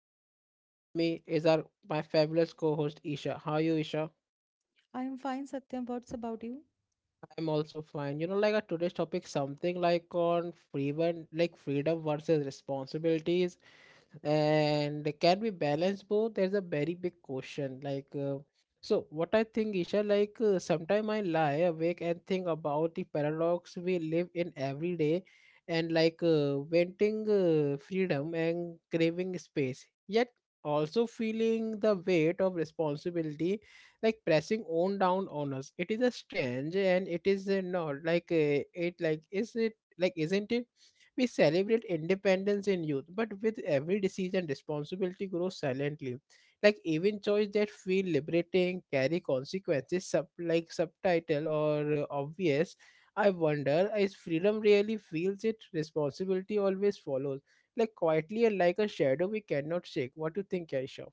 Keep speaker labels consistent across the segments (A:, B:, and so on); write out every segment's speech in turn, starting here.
A: Satyam and with me is our my fabulous co-host Isha. How are you, Isha?
B: I am fine, Satyam. What's about you?
A: I'm also fine. Like a today's topic, something like on freedom, like freedom versus responsibilities, and can we balance both? There's a very big question. Like, so what I think, Isha, like sometime I lie awake and think about the paradox we live in every day, and like wanting freedom and craving space, yet also feeling the weight of responsibility like pressing on down on us. It is a strange, and it is not like it like is it like isn't it. We celebrate independence in youth, but with every decision responsibility grows silently. Like even choice that feel liberating carry consequences like subtitle or obvious. I wonder, is freedom really feels it responsibility always follows like quietly and like a shadow we cannot shake. What do you think, Aisha?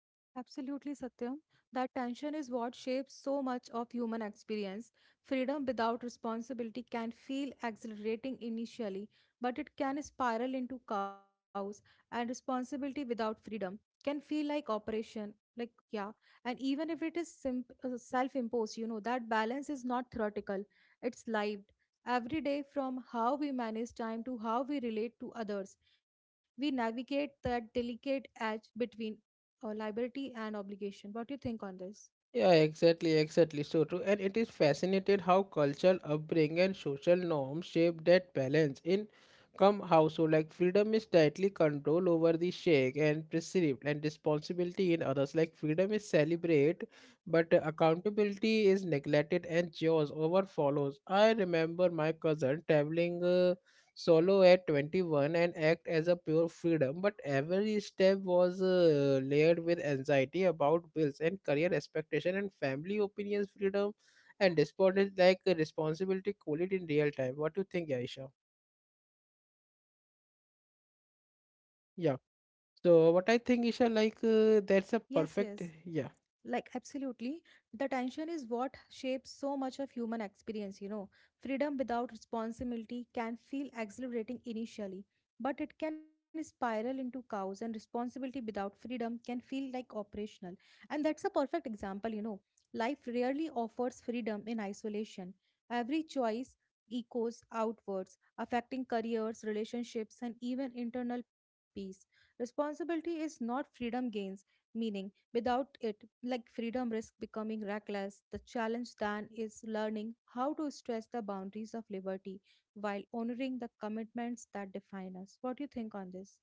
B: Absolutely, Satyam. That tension is what shapes so much of human experience. Freedom without responsibility can feel exhilarating initially, but it can spiral into chaos, and responsibility without freedom can feel like operation. Like, yeah, and even if it is self imposed, you know, that balance is not theoretical, it's lived. Every day, from how we manage time to how we relate to others, we navigate that delicate edge between liberty and obligation. What do you think on this?
A: Yeah, exactly, exactly. So true. And it is fascinated how cultural upbringing and social norms shape that balance in come household. Like freedom is tightly controlled over the shake and perceived and responsibility in others. Like freedom is celebrated, but accountability is neglected and yours over follows. I remember my cousin traveling. Solo at 21 and act as a pure freedom, but every step was layered with anxiety about bills and career expectation and family opinions freedom and despondent like responsibility it in real time. What do you think, Aisha? Yeah. So what I think, Isha, like that's a
B: Yes,
A: perfect.
B: yes.
A: Yeah.
B: Like, absolutely. The tension is what shapes so much of human experience, you know. Freedom without responsibility can feel exhilarating initially, but it can spiral into chaos, and responsibility without freedom can feel like operational. And that's a perfect example, you know. Life rarely offers freedom in isolation. Every choice echoes outwards, affecting careers, relationships, and even internal peace. Responsibility is not freedom gains, meaning. Without it, like freedom risks becoming reckless. The challenge then is learning how to stretch the boundaries of liberty while honoring the commitments that define us. What do you think on this?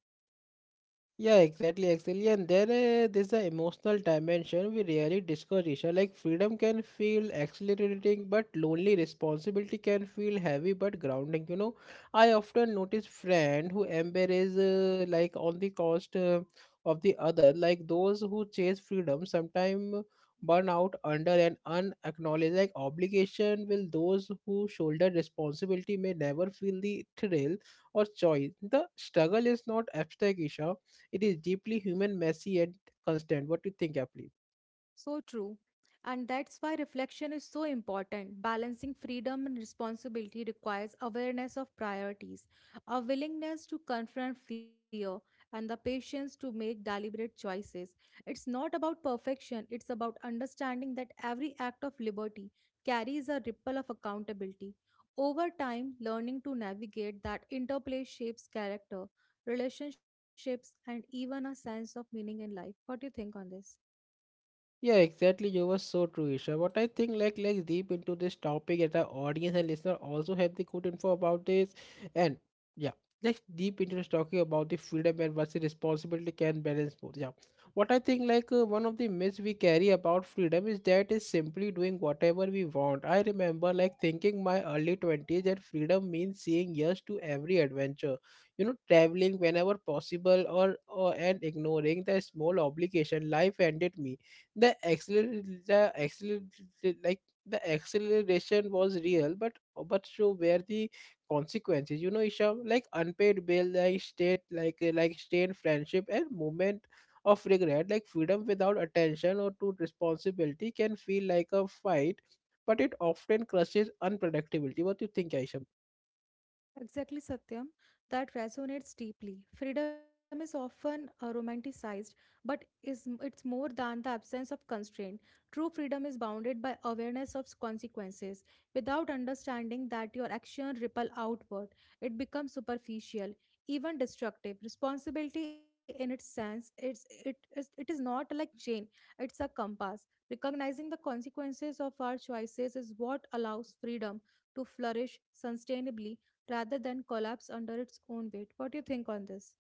A: Yeah, exactly, exactly. And then there's an emotional dimension we rarely discuss, Isha. Like freedom can feel exhilarating, but lonely responsibility can feel heavy but grounding. I often notice friend who embrace like on the cost of the other, like those who chase freedom sometimes burn out under an unacknowledged like obligation. Will those who shoulder responsibility may never feel the thrill or choice. The struggle is not abstract, Isha, it is deeply human, messy, and constant. What do you think, Apple?
B: So true. And that's why reflection is so important. Balancing freedom and responsibility requires awareness of priorities, a willingness to confront fear, and the patience to make deliberate choices. It's not about perfection, it's about understanding that every act of liberty carries a ripple of accountability. Over time, learning to navigate that interplay shapes character, relationships, and even a sense of meaning in life. What do you think on this?
A: Yeah, exactly. You were so true, Isha. But I think like let's deep into this topic and our audience and listener also have the good info about this. And yeah, let's deep into this talking about the freedom and versus responsibility can balance both. Yeah. What I think like one of the myths we carry about freedom is that is simply doing whatever we want. I remember like thinking my early 20s that freedom means saying yes to every adventure. Traveling whenever possible or and ignoring the small obligation life handed me. The accelerator the accelerator like the acceleration was real, but so were the consequences. Isha, like unpaid bill, like state like state friendship and moment of regret. Like freedom without attention or to responsibility can feel like a fight, but it often crushes unpredictability. What do you think, Aisha?
B: Exactly, Satyam. That resonates deeply. Freedom is often romanticized, but is it's more than the absence of constraint. True freedom is bounded by awareness of consequences. Without understanding that your action ripple outward, it becomes superficial, even destructive. Responsibility, in its sense, it is not like chain; it's a compass. Recognizing the consequences of our choices is what allows freedom to flourish sustainably rather than collapse under its own weight. What do you think on this?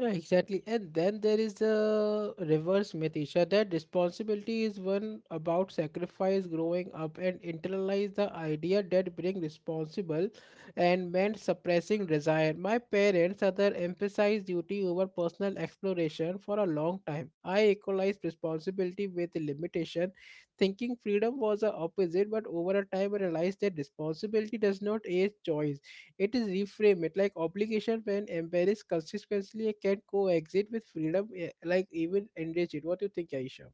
A: Yeah, exactly. And then there is the reverse myth, Isha, that responsibility is one about sacrifice growing up and internalize the idea that being responsible and meant suppressing desire. My parents other emphasized duty over personal exploration for a long time. I equalized responsibility with limitation, thinking freedom was the opposite, but over a time I realized that responsibility does not age choice. It is reframe. It like obligation when embrace consistently can coexist with freedom, like even enrich it. What do you think, Aisha?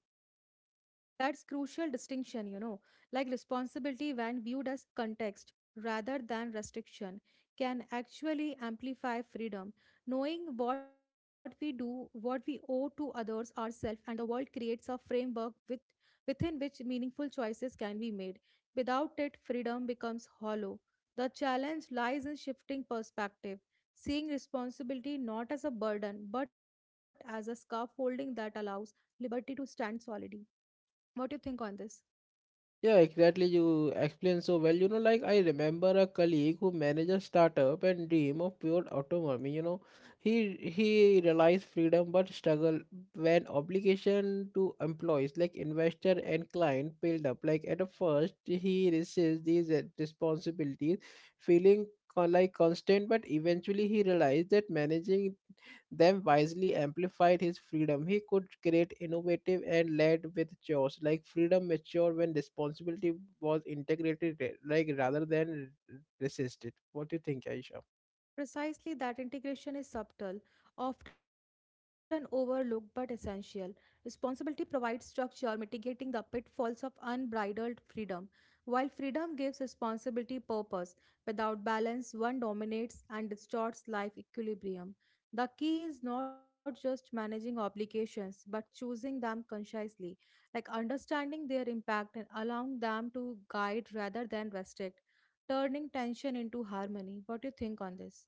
B: That's crucial distinction, you know, like responsibility when viewed as context rather than restriction can actually amplify freedom. Knowing what we do, what we owe to others, ourselves, and the world creates a framework, within which meaningful choices can be made. Without it, freedom becomes hollow. The challenge lies in shifting perspective, seeing responsibility not as a burden but as a scaffolding that allows liberty to stand solidly. What do you think on this?
A: Yeah, exactly. You explain so well. Like I remember a colleague who managed a startup and dream of pure autonomy. He realized freedom but struggle when obligation to employees like investor and client build up. Like at the first, he resists these responsibilities, feeling like constant. But eventually, he realized that managing them wisely amplified his freedom. He could create innovative and led with chores. Like freedom matured when responsibility was integrated, like rather than resisted. What do you think, Aisha?
B: Precisely that integration is subtle, often overlooked but essential. Responsibility provides structure, mitigating the pitfalls of unbridled freedom. While freedom gives responsibility purpose, without balance, one dominates and distorts life equilibrium. The key is not just managing obligations, but choosing them consciously, like understanding their impact and allowing them to guide rather than restrict, turning tension into harmony. What do you think on this?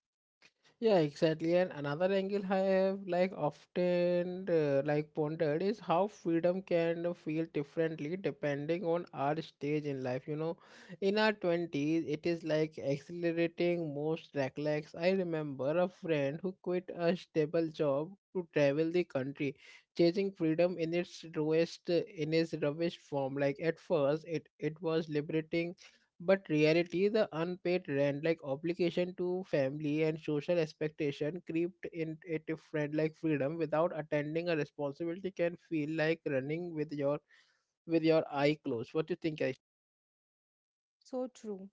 A: Yeah, exactly. And another angle I have like often like pondered is how freedom can feel differently depending on our stage in life. In our twenties, it is like accelerating most recollects. I remember a friend who quit a stable job to travel the country, chasing freedom in its roughest form. Like at first, it was liberating, but reality the unpaid rent like obligation to family and social expectation creeped in. A if friend like freedom without attending a responsibility can feel like running with your eye closed. What do you think, Aisha?
B: So true.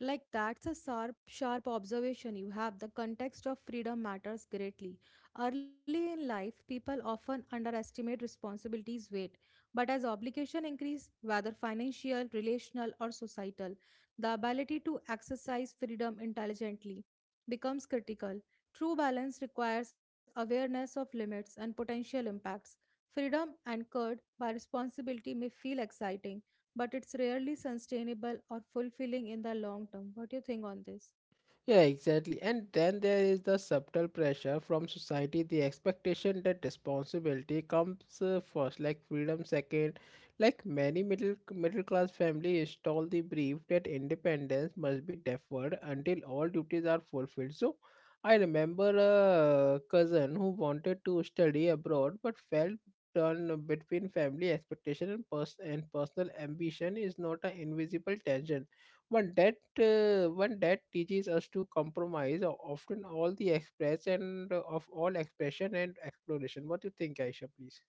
B: Like that's a sharp observation you have. The context of freedom matters greatly. Early in life, people often underestimate responsibilities' weight, but as obligation increase, whether financial, relational, or societal, the ability to exercise freedom intelligently becomes critical. True balance requires awareness of limits and potential impacts. Freedom anchored by responsibility may feel exciting but it's rarely sustainable or fulfilling in the long term. What do you think on this?
A: Yeah, exactly. And then there is the subtle pressure from society, the expectation that responsibility comes first, like freedom second. Like many middle class family install the belief that independence must be deferred until all duties are fulfilled. So, I remember a cousin who wanted to study abroad but felt torn between family expectation and personal ambition is not an invisible tension, but that one that teaches us to compromise often all the express and of all expression and exploration. What do you think, Aisha, please?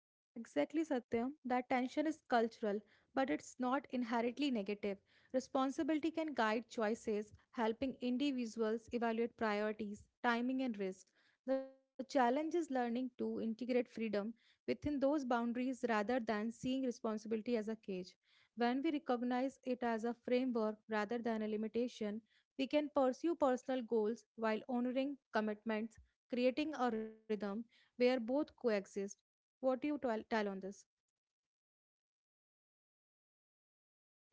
B: Exactly, Satyam. That tension is cultural, but it's not inherently negative. Responsibility can guide choices, helping individuals evaluate priorities, timing, and risk. The challenge is learning to integrate freedom within those boundaries rather than seeing responsibility as a cage. When we recognize it as a framework rather than a limitation, we can pursue personal goals while honoring commitments, creating a rhythm where both coexist. What do you tell, tell on this?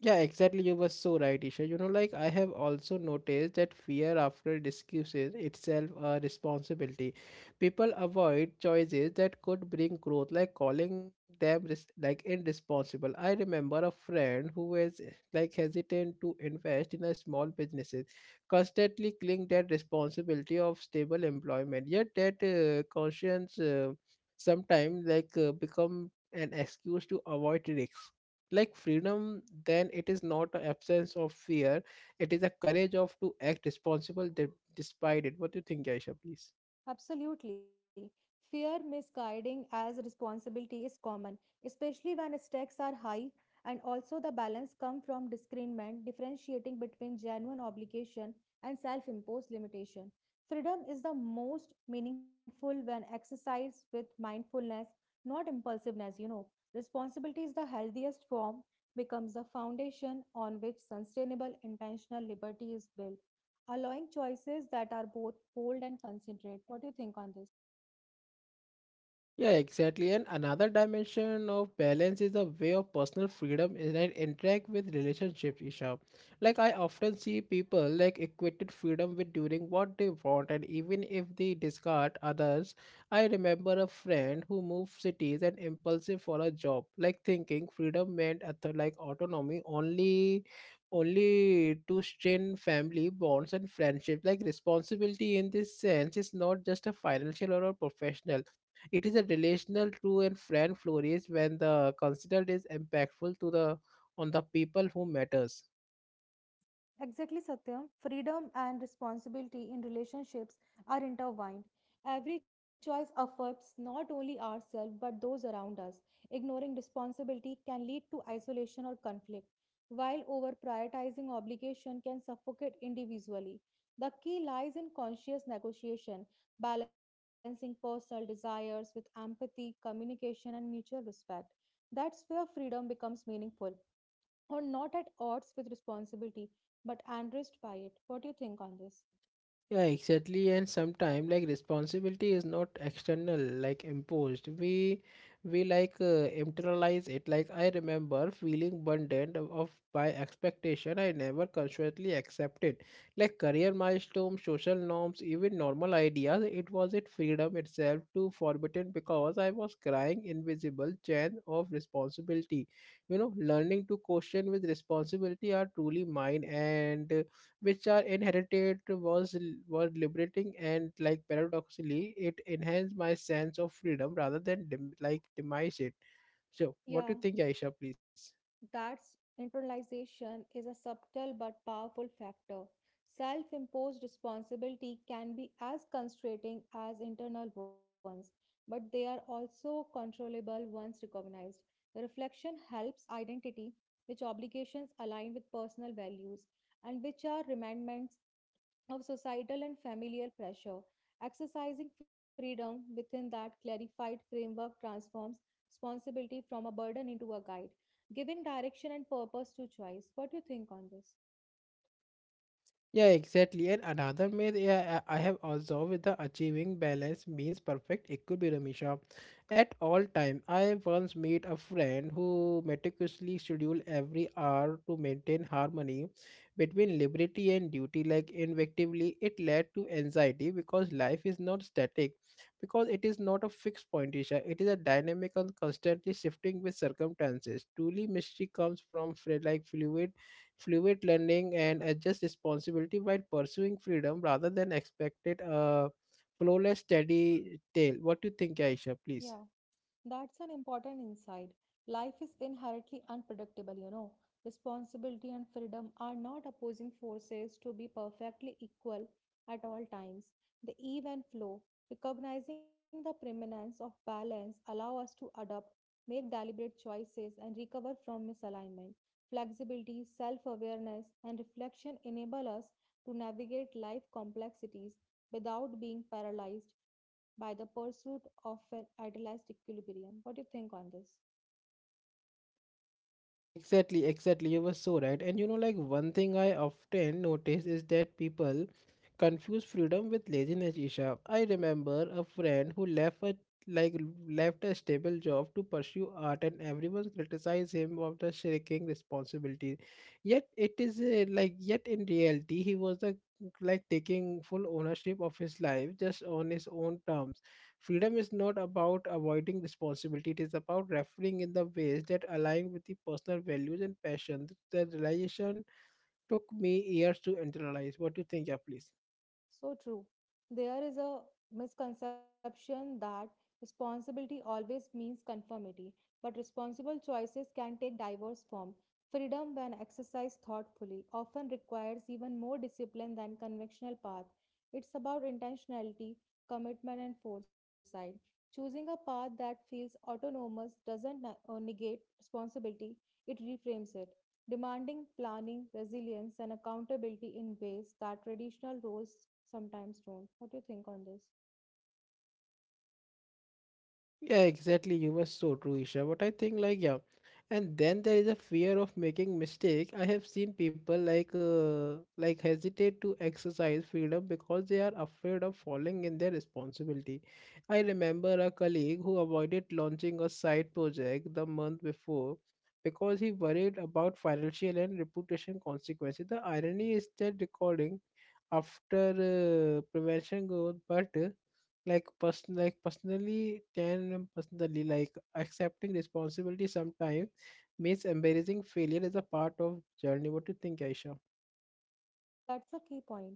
A: Yeah, exactly. You were so right, Isha. Like I have also noticed that fear after discussion itself a responsibility. People avoid choices that could bring growth, like calling them like irresponsible. I remember a friend who was like hesitant to invest in a small businesses, constantly cling that responsibility of stable employment. Yet that conscience sometimes like become an excuse to avoid risks. Like freedom then it is not an absence of fear, it is a courage of to act responsible despite it. What do you think, Aisha, please?
B: Absolutely. Fear misguiding as responsibility is common, especially when stakes are high, and also the balance come from discernment, differentiating between genuine obligation and self-imposed limitation. Freedom is the most meaningful when exercised with mindfulness, not impulsiveness, you know. Responsibility is the healthiest form, becomes the foundation on which sustainable intentional liberty is built, allowing choices that are both bold and considerate. What do you think on this?
A: Yeah, exactly. And another dimension of balance is the way of personal freedom is that interact with relationships, Isha. Like I often see people like equated freedom with doing what they want and even if they discard others. I remember a friend who moved cities and impulsive for a job, like thinking freedom meant like autonomy only to strain family bonds and friendship. Like responsibility in this sense is not just a financial or a professional, it is a relational, true, and friend flourish when the considered is impactful to the on the people who matters.
B: Exactly, Satyam. Freedom and responsibility in relationships are intertwined. Every choice affects not only ourselves but those around us. Ignoring responsibility can lead to isolation or conflict, while over prioritizing obligation can suffocate individually. The key lies in conscious negotiation, balancing personal desires with empathy, communication, and mutual respect. That's where freedom becomes meaningful or not at odds with responsibility but enriched by it. What do you think on this?
A: Yeah, exactly. And sometimes like responsibility is not external, like imposed. We like internalize it. Like I remember feeling burdened of by expectation I never consciously accepted. Like career milestones, social norms, even normal ideas. It was it freedom itself to forbidden because I was crying invisible chain of responsibility. Learning to question with responsibility are truly mine and which are inherited was were liberating, and like paradoxically it enhanced my sense of freedom rather than like demise it. So
B: Yeah,
A: what do you think, Aisha, please?
B: that's, internalization is a subtle but powerful factor. Self imposed responsibility can be as constraining as internal ones, but they are also controllable once recognized. The Reflection helps identity, which obligations align with personal values and which are remindments of societal and familial pressure. Exercising freedom within that clarified framework transforms responsibility from a burden into a guide, giving direction and purpose to choice. What do you think on this?
A: Yeah, exactly. And another myth yeah, I have observed the achieving balance means perfect equilibrium, Isha. At all time. I once met a friend who meticulously scheduled every hour to maintain harmony between liberty and duty. Like invectively, it led to anxiety because life is not static, because it is not a fixed point, Isha. It is a dynamic and constantly shifting with circumstances. Truly, mystery comes from like fluid learning and adjust responsibility while pursuing freedom rather than expected a flawless steady tail. What do you think, Aisha?
B: Yeah.
A: Please.
B: That's an important insight. Life is inherently unpredictable, you know. Responsibility and freedom are not opposing forces to be perfectly equal at all times. The ebb and flow, recognizing the preeminence of balance, allow us to adapt, make deliberate choices, and recover from misalignment. Flexibility, self awareness, and reflection enable us to navigate life complexities without being paralyzed by the pursuit of an idealized equilibrium. What do you think on this?
A: Exactly, exactly. You were so right. And like one thing I often notice is that people confuse freedom with laziness, Isha. I remember a friend who like left a stable job to pursue art and everyone criticized him of the shirking responsibility. Yet it is like yet in reality he was the like taking full ownership of his life just on his own terms. Freedom is not about avoiding responsibility, it is about referring in the ways that align with the personal values and passion. The realization took me years to internalize. What do you think, yeah, please?
B: So true. There is a misconception that responsibility always means conformity, but responsible choices can take diverse form. Freedom, when exercised thoughtfully, often requires even more discipline than conventional path. It's about intentionality, commitment, and foresight. Choosing a path that feels autonomous doesn't negate responsibility, it reframes it, demanding planning, resilience, and accountability in ways that traditional roles sometimes don't. What do you think on this?
A: Yeah, exactly. You were so true, Isha. But I think like yeah, and then there is a fear of making mistake. I have seen people like hesitate to exercise freedom because they are afraid of falling in their responsibility. I remember a colleague who avoided launching a side project the month before because he worried about financial and reputation consequences. The irony is that recording after prevention goal, but like personally like accepting responsibility sometimes means embarrassing failure as a part of journey. What do you think, Aisha?
B: That's a key point.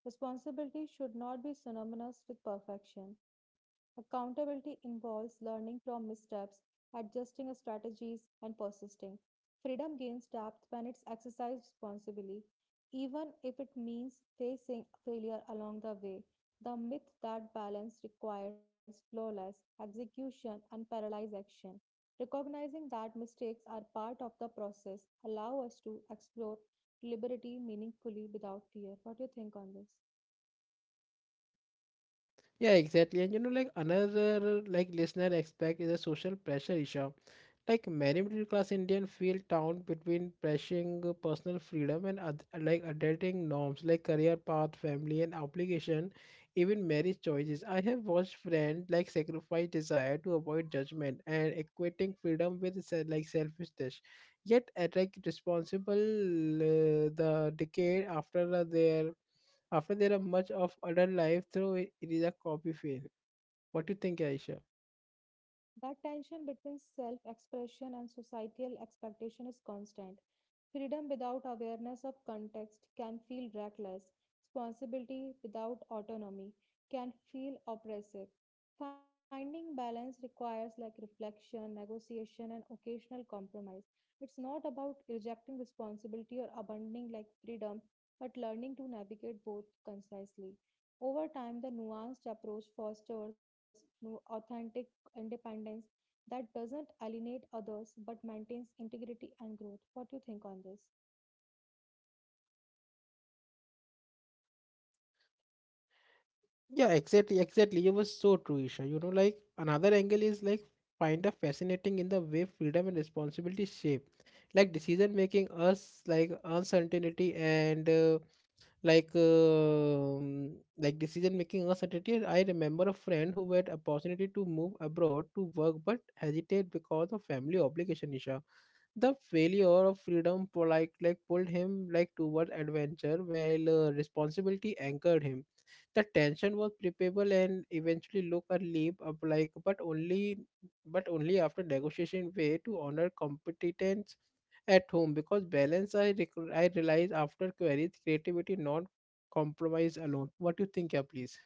B: Responsibility should not be synonymous with perfection. Accountability involves learning from missteps, adjusting strategies, and persisting. Freedom gains depth when it's exercised responsibly, even if it means facing failure along the way. The myth that balance requires flawless execution and paralyzed action. Recognizing that mistakes are part of the process allow us to explore liberty meaningfully without fear. What do you think on this?
A: Yeah, exactly. And like another like listener aspect is a social pressure issue. Like many middle class Indian feel torn between pressing personal freedom and like adulting norms like career path, family, and obligation, even marriage choices. I have watched friends like sacrifice desire to avoid judgment and equating freedom with like selfishness. Yet, at like responsible, the decade after their after there are much of adult life through it is a copy fail. What do you think, Aisha?
B: That tension between self expression and societal expectation is constant. Freedom without awareness of context can feel reckless. Responsibility without autonomy can feel oppressive. Finding balance requires like reflection, negotiation, and occasional compromise. It's not about rejecting responsibility or abandoning like freedom, but learning to navigate both concisely. Over time, the nuanced approach fosters authentic independence that doesn't alienate others but maintains integrity and growth. What do you think on this?
A: Yeah, exactly, exactly. You were so true, Isha. You know, like another angle is like find a fascinating in the way freedom and responsibility shape, like decision making us like uncertainty and like um decision making uncertainty. I remember a friend who had opportunity to move abroad to work but hesitate because of family obligation. Isha, the failure of freedom for like pulled him like toward adventure, while responsibility anchored him. The tension was preparable and eventually look a leap up like but only after negotiation way to honor competence at home because balance I realize after queries creativity not compromise alone. What do you think, yeah, please?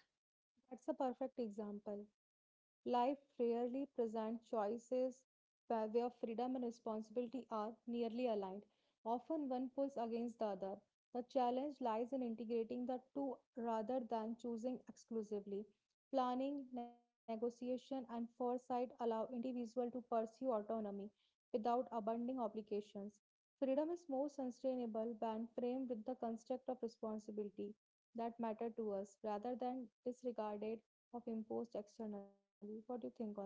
B: That's a perfect example. Life rarely presents choices where freedom and responsibility are nearly aligned. Often one pulls against the other. The challenge lies in integrating the two rather than choosing exclusively. Planning, negotiation, and foresight allow individuals to pursue autonomy without abandoning obligations. Freedom is more sustainable when framed with the construct of responsibility that matter to us rather than disregarded of imposed externally. What do you think on this?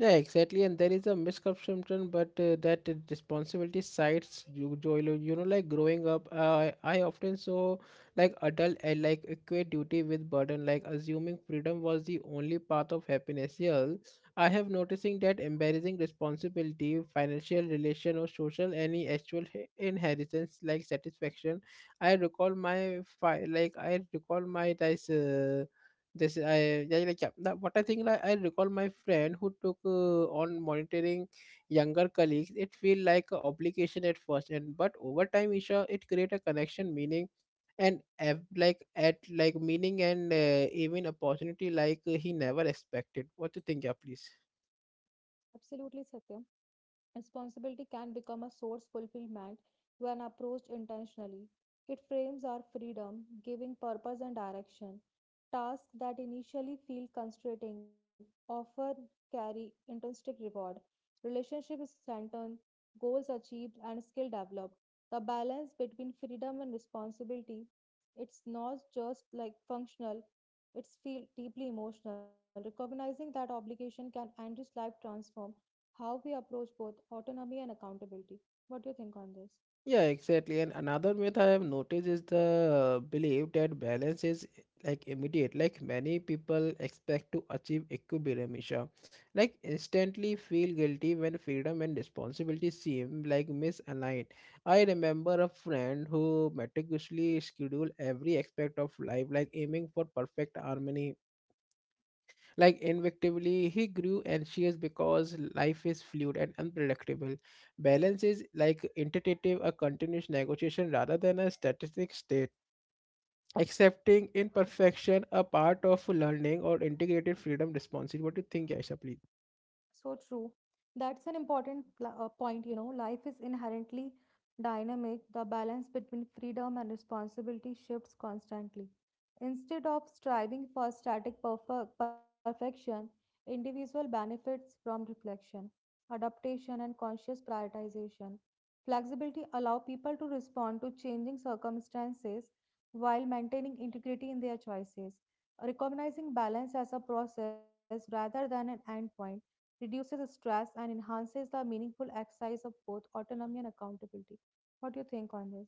A: Yeah, exactly. And there is a misconception, but that responsibility sides you, Joel, you know, like growing up, I often saw like adult I like equate duty with burden, like assuming freedom was the only path of happiness. Yeah, I have noticing that embarrassing responsibility, financial relation or social any actual inheritance like satisfaction. I recall my fi- like I recall my this this I yeah, like yeah, that, what I think like, I recall my friend who took on monitoring younger colleagues it feel like a obligation at first and but over time, Isha, it create a connection meaning and ev- like at like meaning and even opportunity like he never expected. What do you think, yeah, please?
B: Absolutely, Satya. Responsibility can become a source fulfillment when approached intentionally. It frames our freedom, giving purpose and direction. Tasks that initially feel constraining often carry intrinsic reward. Relationships strengthened, goals achieved, and skill developed. The balance between freedom and responsibility, it's not just like functional, it's feel deeply emotional. Recognizing that obligation can enrich life transform how we approach both autonomy and accountability. What do you think on this?
A: Yeah, exactly. And another myth I have noticed is the belief that balance is like immediate. Like many people expect to achieve equilibrium, like instantly feel guilty when freedom and responsibility seem like misaligned. I remember a friend who meticulously scheduled every aspect of life, like aiming for perfect harmony like invectively, he grew anxious because life is fluid and unpredictable. Balance is like iterative, a continuous negotiation rather than a static state. Accepting imperfection a part of learning or integrated freedom responsibility. What do you think, Aisha, please?
B: So true. That's an important point, you know. Life is inherently dynamic. The balance between freedom and responsibility shifts constantly. Instead of striving for static perfection, individual benefits from reflection, adaptation, and conscious prioritization. Flexibility allow people to respond to changing circumstances while maintaining integrity in their choices. Recognizing balance as a process rather than an endpoint reduces stress, and enhances the meaningful exercise of both autonomy and accountability. What do you think on this?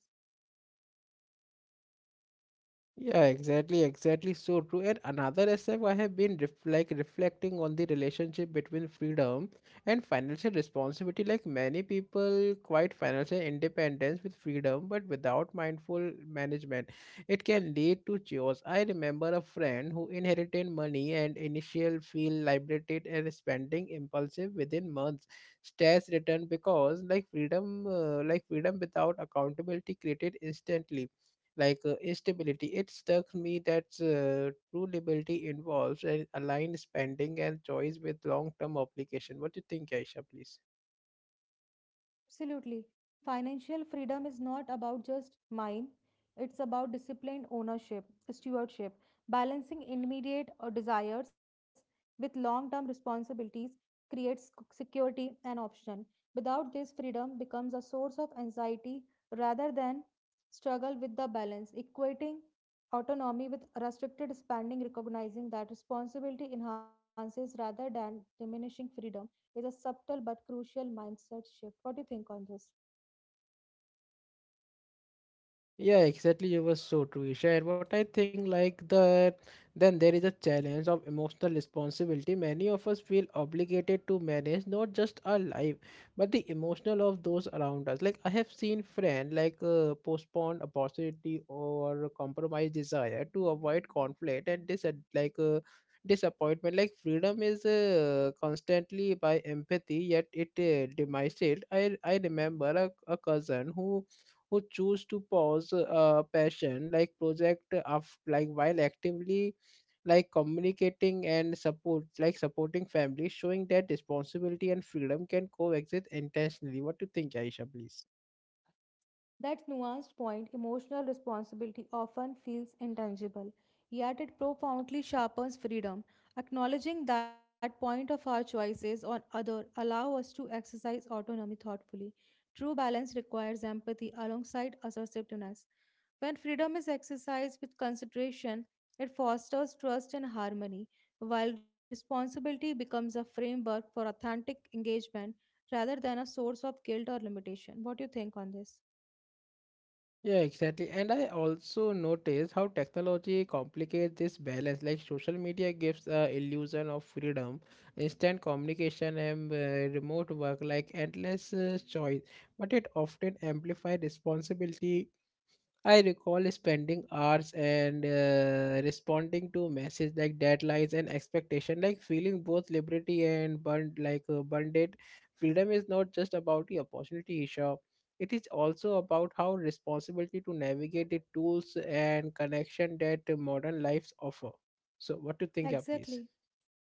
A: Yeah, exactly, exactly. So true. And another aspect I have been reflecting on the relationship between freedom and financial responsibility. Like many people quite financial independence with freedom, but without mindful management, it can lead to chaos. I remember a friend who inherited money and initial feel liberated and spending impulsive within months. Stress returned because like freedom, freedom without accountability created instantly like stability. It struck me that true liberty involves an aligned spending and choice with long-term obligation. What do you think, Aisha, please?
B: Absolutely. Financial freedom is not about just mine, it's about disciplined ownership, stewardship, balancing immediate desires with long term responsibilities creates security and option. Without this, freedom becomes a source of anxiety rather than struggle with the balance, equating autonomy with restricted spending, recognizing that responsibility enhances rather than diminishing freedom is a subtle but crucial mindset shift. What do you think on this?
A: Yeah, exactly. You were so true, Isha. And what I think, like the then there is a challenge of emotional responsibility. Many of us feel obligated to manage not just our life, but the emotional of those around us. Like I have seen friend like postpone opportunity or compromise desire to avoid conflict and like uh, disappointment. Like freedom is constantly by empathy, yet it demises it. I remember a cousin who choose to pause a passion like project of like while actively like communicating and supporting families, showing that responsibility and freedom can coexist intentionally. What do you think, Aisha, please?
B: That nuanced point, emotional responsibility, often feels intangible, yet it profoundly sharpens freedom. Acknowledging that point of our choices on other allow us to exercise autonomy thoughtfully. True balance requires empathy alongside assertiveness. When freedom is exercised with consideration, it fosters trust and harmony, while responsibility becomes a framework for authentic engagement rather than a source of guilt or limitation. What do you think on this?
A: Yeah, exactly. And I also notice how technology complicates this balance. Like social media gives a illusion of freedom, instant communication and remote work like endless choice, but it often amplifies responsibility. I recall spending hours and responding to messages like deadlines and expectation, like feeling both liberty and burned like bonded. Freedom is not just about the opportunity, Isha. It is also about how responsibility to navigate the tools and connection that modern lives offer. So, what do you think, yeah, please?
B: Exactly.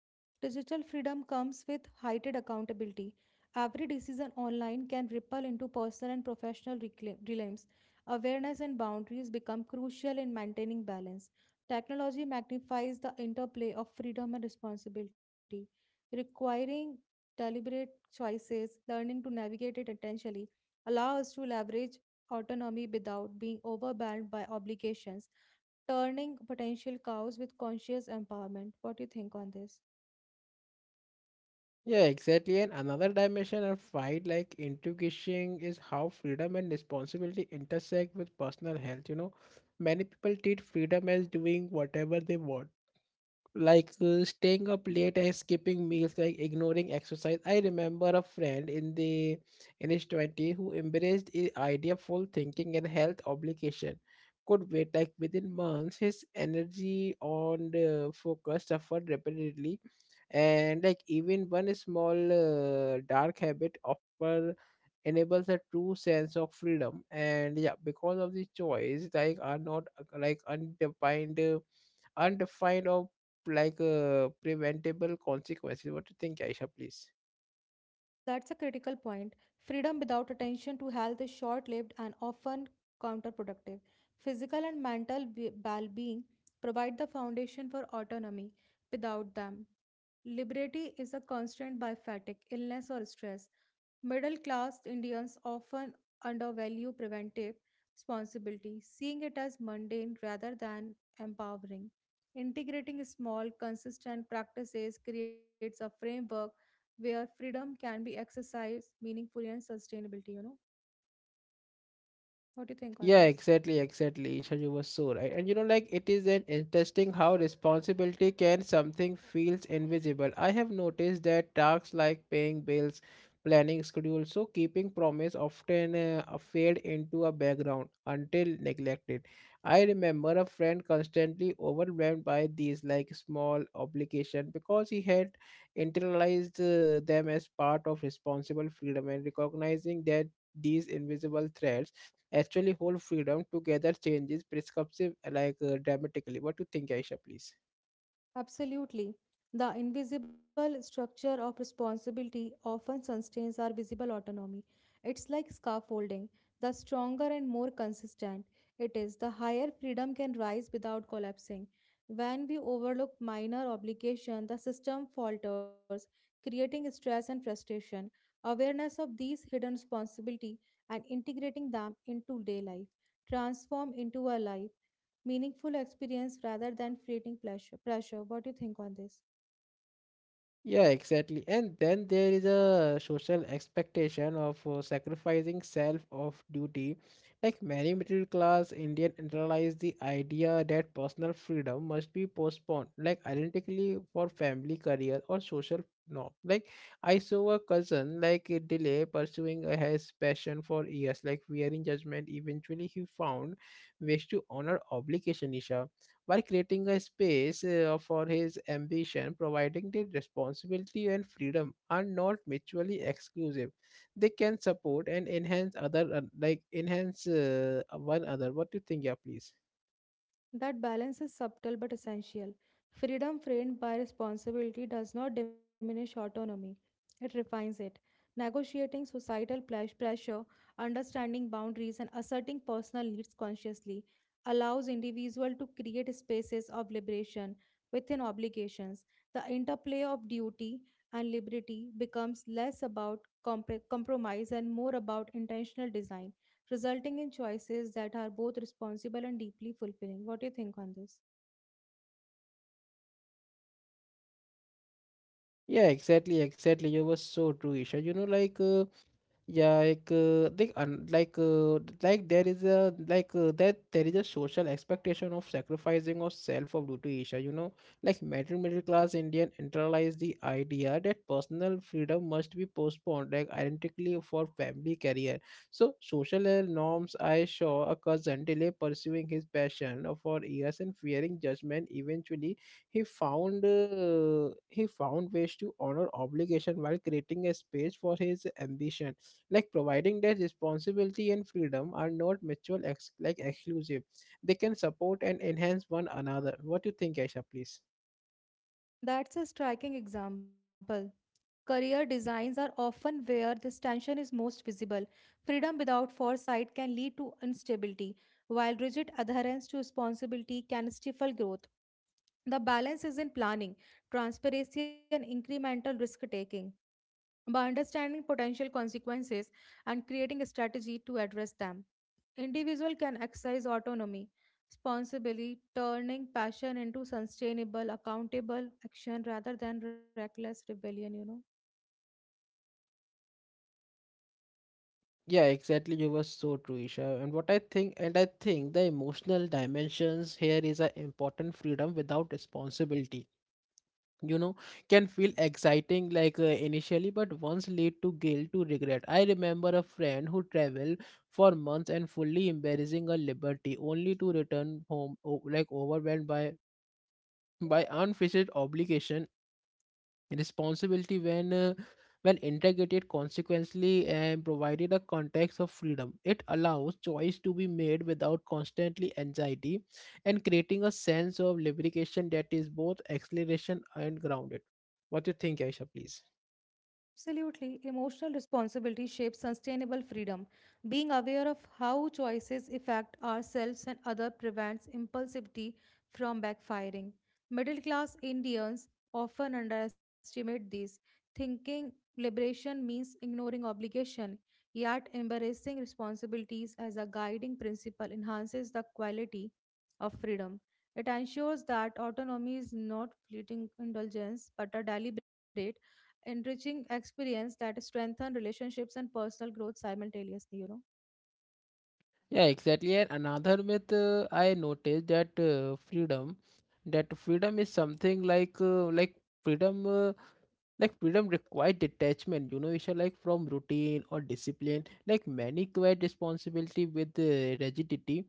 B: Digital freedom comes with heightened accountability. Every decision online can ripple into personal and professional realms. Awareness and boundaries become crucial in maintaining balance. Technology magnifies the interplay of freedom and responsibility, requiring deliberate choices, learning to navigate it intentionally, allow us to leverage autonomy without being overwhelmed by obligations turning potential cows with conscious empowerment. What do you think on this?
A: Yeah, exactly. And another dimension of fight like intuition is how freedom and responsibility intersect with personal health. You know, many people treat freedom as doing whatever they want, like staying up late and skipping meals, like ignoring exercise. I remember a friend in his 20 who embraced the idea of full thinking and health obligation could wait. Like within months his energy on the focus suffered repeatedly, and like even one small dark habit offer enables a true sense of freedom. And yeah, because of the choice like are not undefined, undefined or like preventable consequences. What do you think, Aisha, please?
B: That's a critical point. Freedom without attention to health is short lived and often counterproductive. Physical and mental well being provide the foundation for autonomy. Without them, liberty is a constraint by fatigue, illness, or stress. Middle class Indians often undervalue preventive responsibility, seeing it as mundane rather than empowering. Integrating small, consistent practices creates a framework where freedom can be exercised meaningfully and sustainability, you know. What do you think on
A: Yeah,
B: this?
A: exactly, exactly. Isha, you were so right. And you know, like it is an interesting how responsibility can something feels invisible. I have noticed that tasks like paying bills, planning schedules, so keeping promise often fade into a background until neglected. I remember a friend constantly overwhelmed by these like small obligation because he had internalized them as part of responsible freedom, and recognizing that these invisible threats actually hold freedom together changes prescriptive like dramatically. What do you think, Aisha, please?
B: Absolutely. The invisible structure of responsibility often sustains our visible autonomy. It's like scaffolding. The stronger and more consistent it is, the higher freedom can rise without collapsing. When we overlook minor obligation, the system falters, creating stress and frustration. Awareness of these hidden responsibility and integrating them into day life transform into a life meaningful experience rather than fleeting pleasure. Pleasure. What do you think on this?
A: Yeah, exactly. And then there is a social expectation of sacrificing self of duty. Like many middle class Indian internalize the idea that personal freedom must be postponed, like identically for family, career, or social norm. Like I saw a cousin like delay pursuing his passion for years, like fearing judgment. Eventually, he found ways to honor obligation, Isha, while creating a space for his ambition, providing that responsibility and freedom are not mutually exclusive. They can support and enhance other, like enhance one other. What do you think, yeah, please?
B: That balance is subtle but essential. Freedom framed by responsibility does not diminish autonomy, it refines it. Negotiating societal pressure, understanding boundaries, and asserting personal needs consciously allows individual to create spaces of liberation within obligations. The interplay of duty and liberty becomes less about compromise and more about intentional design resulting in choices that are both responsible and deeply fulfilling. What do you think on this?
A: Yeah, exactly, exactly. You were so true, Isha. You know, like Yeah, like un like there is a like that there is a social expectation of sacrificing of self for duty, Isha. You know, like middle class Indian internalize the idea that personal freedom must be postponed, like identically for family career. So social norms. I saw a cousin delay pursuing his passion for years and fearing judgment. Eventually, he found ways to honor obligation while creating a space for his ambition, like providing that responsibility and freedom are not mutual ex- like exclusive. They can support and enhance one another. What do you think, Aisha, please?
B: That's a striking example. Career designs are often where this tension is most visible. Freedom without foresight can lead to instability, while rigid adherence to responsibility can stifle growth. The balance is in planning, transparency, and incremental risk taking by understanding potential consequences and creating a strategy to address them. Individual can exercise autonomy responsibly, turning passion into sustainable, accountable action rather than reckless rebellion, you know.
A: Yeah, exactly. You were so true, Isha. And what I think, and I think the emotional dimensions here is an important freedom without responsibility. You know, can feel exciting like initially, but once lead to guilt, to regret. I remember a friend who traveled for months and fully embarrassing a liberty, only to return home overwhelmed by unfettered obligation responsibility when integrated consequently and provided a context of freedom, it allows choice to be made without constantly anxiety and creating a sense of lubrication that is both acceleration and grounded. What do you think, Aisha, please?
B: Absolutely. Emotional responsibility shapes sustainable freedom. Being aware of how choices affect ourselves and others prevents impulsivity from backfiring. Middle class Indians often underestimate this, thinking liberation means ignoring obligation. Yet, embracing responsibilities as a guiding principle enhances the quality of freedom. It ensures that autonomy is not fleeting indulgence but a deliberate enriching experience that strengthen relationships and personal growth simultaneously, you know.
A: Yeah, exactly. And another myth, I noticed that freedom is something like freedom uh, freedom required detachment. You know, Isha, like from routine or discipline, like many quite responsibility with rigidity.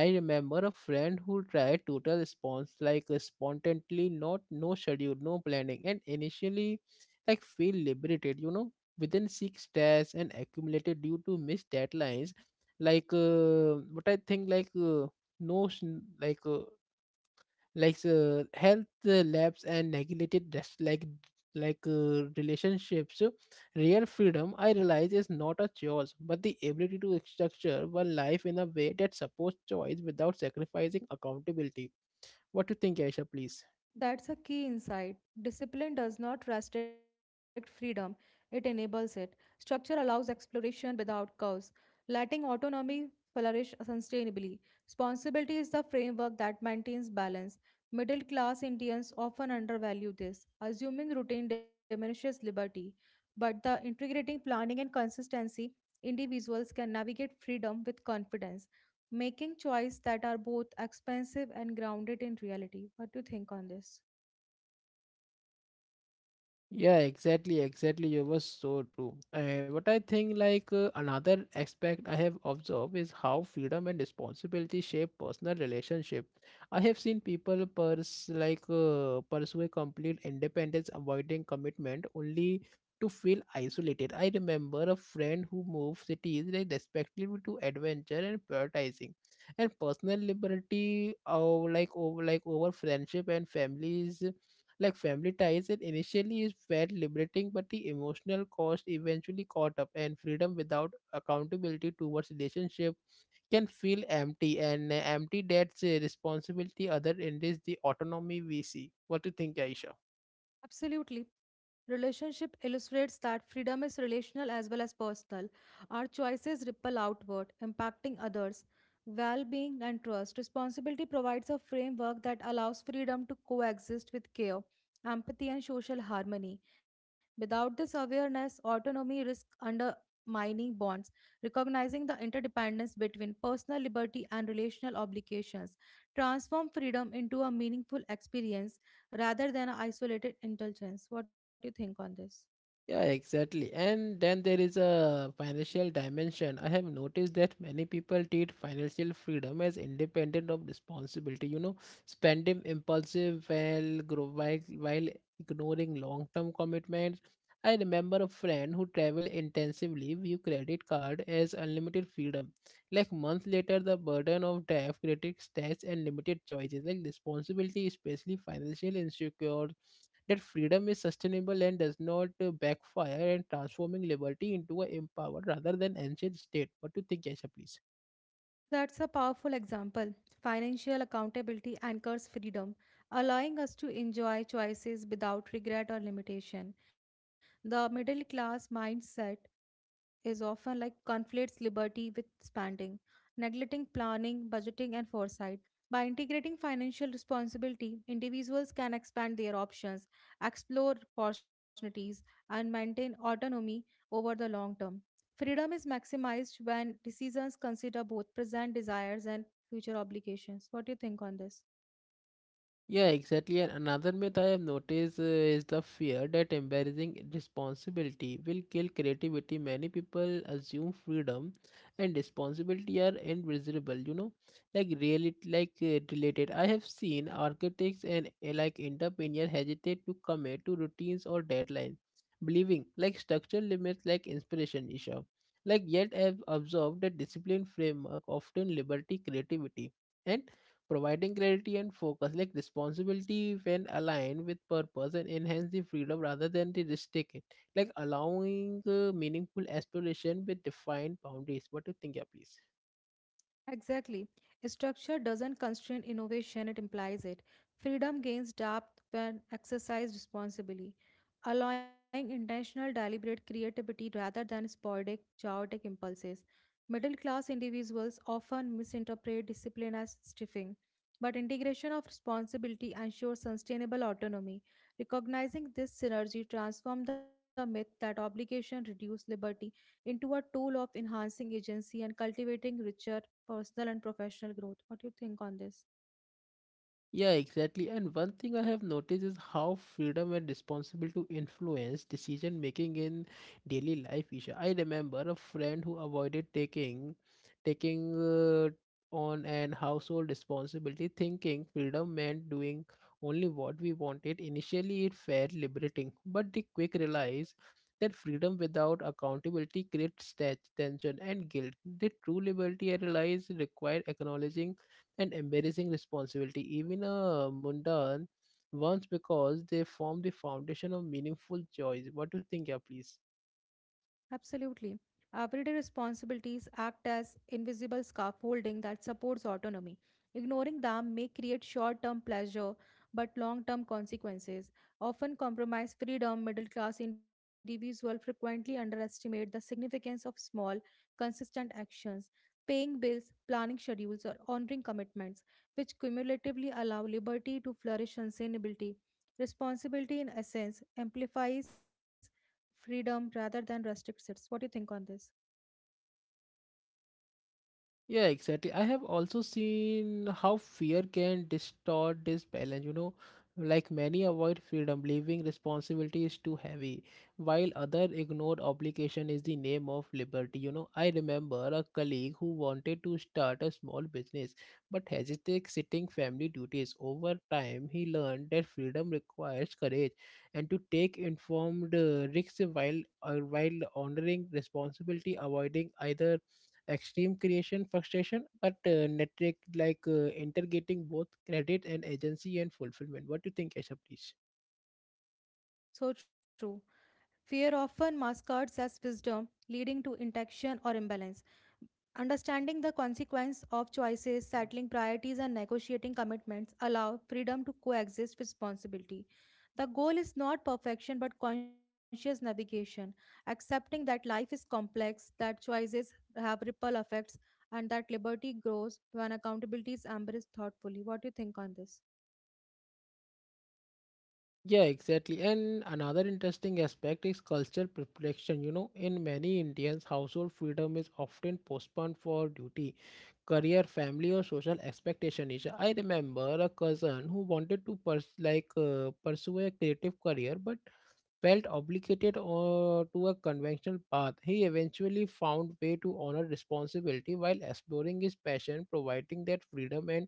A: I remember a friend who tried total response like spontaneously, not no schedule, no planning, and initially like feel liberated. You know, within six stress and accumulated due to missed deadlines, like but I think like no s- like health labs and neglected rest like relationships. So, real freedom I realize is not a choice but the ability to structure one life in a way that supports choice without sacrificing accountability. What do you think, Aisha, please?
B: That's a key insight. Discipline does not restrict freedom, it enables it. Structure allows exploration without curves, letting autonomy flourish sustainably. Responsibility is the framework that maintains balance. Middle class Indians often undervalue this, assuming routine diminishes liberty, but the integrating planning and consistency, individuals can navigate freedom with confidence, making choices that are both expensive and grounded in reality. What do you think on this?
A: Yeah, exactly, exactly. You were so true. And what I think, like another aspect I have observed is how freedom and responsibility shape personal relationship. I have seen people pers like pursue a complete independence, avoiding commitment only to feel isolated. I remember a friend who moved cities like respectively to adventure and prioritizing, and personal liberty, or over friendship and families, family ties. It initially is felt liberating, but the emotional cost eventually caught up, and freedom without accountability towards relationship can feel empty. And empty, that's a responsibility, other end is the autonomy we see. What do you think, Aisha?
B: Absolutely. Relationship illustrates that freedom is relational as well as personal. Our choices ripple outward, impacting others. Well being and trust. Responsibility provides a framework that allows freedom to coexist with care, empathy, and social harmony. Without this awareness, autonomy risks undermining bonds. Recognizing the interdependence between personal liberty and relational obligations transform freedom into a meaningful experience rather than isolated indulgence. What do you think on this?
A: Yeah, exactly. And then there is a financial dimension. I have noticed that many people treat financial freedom as independent of responsibility, you know, spending impulsive while grow while ignoring long-term commitments. I remember a friend who traveled intensively, view credit card as unlimited freedom. Like months later, the burden of debt, credit stats, and limited choices, like responsibility, especially financial insecure that freedom is sustainable and does not backfire, and transforming liberty into an empowered rather than ancient state. What do you think, Aisha, please?
B: That's a powerful example. Financial accountability anchors freedom, allowing us to enjoy choices without regret or limitation. The middle class mindset is often like conflates liberty with spending, neglecting planning, budgeting, and foresight. By integrating financial responsibility, individuals can expand their options, explore opportunities, and maintain autonomy over the long term. Freedom is maximized when decisions consider both present desires and future obligations. What do you think on this?
A: Yeah, exactly. And another myth I have noticed is the fear that embarrassing responsibility will kill creativity. Many people assume freedom and responsibility are invisible, like really related. I have seen architects and like entrepreneurs hesitate to commit to routines or deadlines, believing like structural limits like inspiration issue. Like yet I have observed that discipline framework often liberty creativity. And providing clarity and focus like responsibility when aligned with purpose and enhance the freedom rather than the restrict it like allowing meaningful exploration with defined boundaries what do you think yeah please.
B: Exactly. Structure doesn't constrain innovation, it implies it. Freedom gains depth when exercised responsibly, allowing intentional, deliberate creativity rather than sporadic, chaotic impulses. Middle class individuals often misinterpret discipline as stiffing, but integration of responsibility ensures sustainable autonomy. Recognizing this synergy transforms the myth that obligation reduces liberty into a tool of enhancing agency and cultivating richer personal and professional growth. What do you think on this?
A: Yeah, exactly. And one thing I have noticed is how freedom and responsibility to influence decision making in daily life. Isha, I remember a friend who avoided taking on an household responsibility, thinking freedom meant doing only what we wanted. Initially, it felt liberating, but they quick realized that freedom without accountability creates tension and guilt. The true liberty I realized required acknowledging and embarrassing responsibility, even a mundane ones, because they form the foundation of meaningful choice. What do you think, yeah, please?
B: Absolutely. Everyday responsibilities act as invisible scaffolding that supports autonomy. Ignoring them may create short term pleasure but long term consequences. Often compromise freedom, middle class individuals frequently underestimate the significance of small, consistent actions. Paying bills, planning schedules, or honoring commitments, which cumulatively allow liberty to flourish sustainability. Responsibility, in essence, amplifies freedom rather than restrictions. What do you think on this?
A: Yeah, exactly. I have also seen how fear can distort this balance, like many avoid freedom, believing responsibility is too heavy, while other ignored obligation is the name of liberty. You know, I remember a colleague who wanted to start a small business but hesitated sitting family duties. Over time, he learned that freedom requires courage and to take informed risks while honoring responsibility, avoiding either extreme creation frustration, but network integrating both credit and agency and fulfillment. What do you think, Asha, please?
B: So true. Fear often masquerades as wisdom, leading to inaction or imbalance. Understanding the consequence of choices, settling priorities, and negotiating commitments allow freedom to coexist with responsibility. The goal is not perfection but conscious navigation, accepting that life is complex, that choices have ripple effects, and that liberty grows when accountability is embraced thoughtfully. What do you think on this?
A: Yeah, exactly. And another interesting aspect is cultural protection. You know, in many Indians, household freedom is often postponed for duty, career, family, or social expectation. Isha. I remember a cousin who wanted to pursue a creative career, but felt obligated to a conventional path, he eventually found way to honor responsibility while exploring his passion, providing that freedom and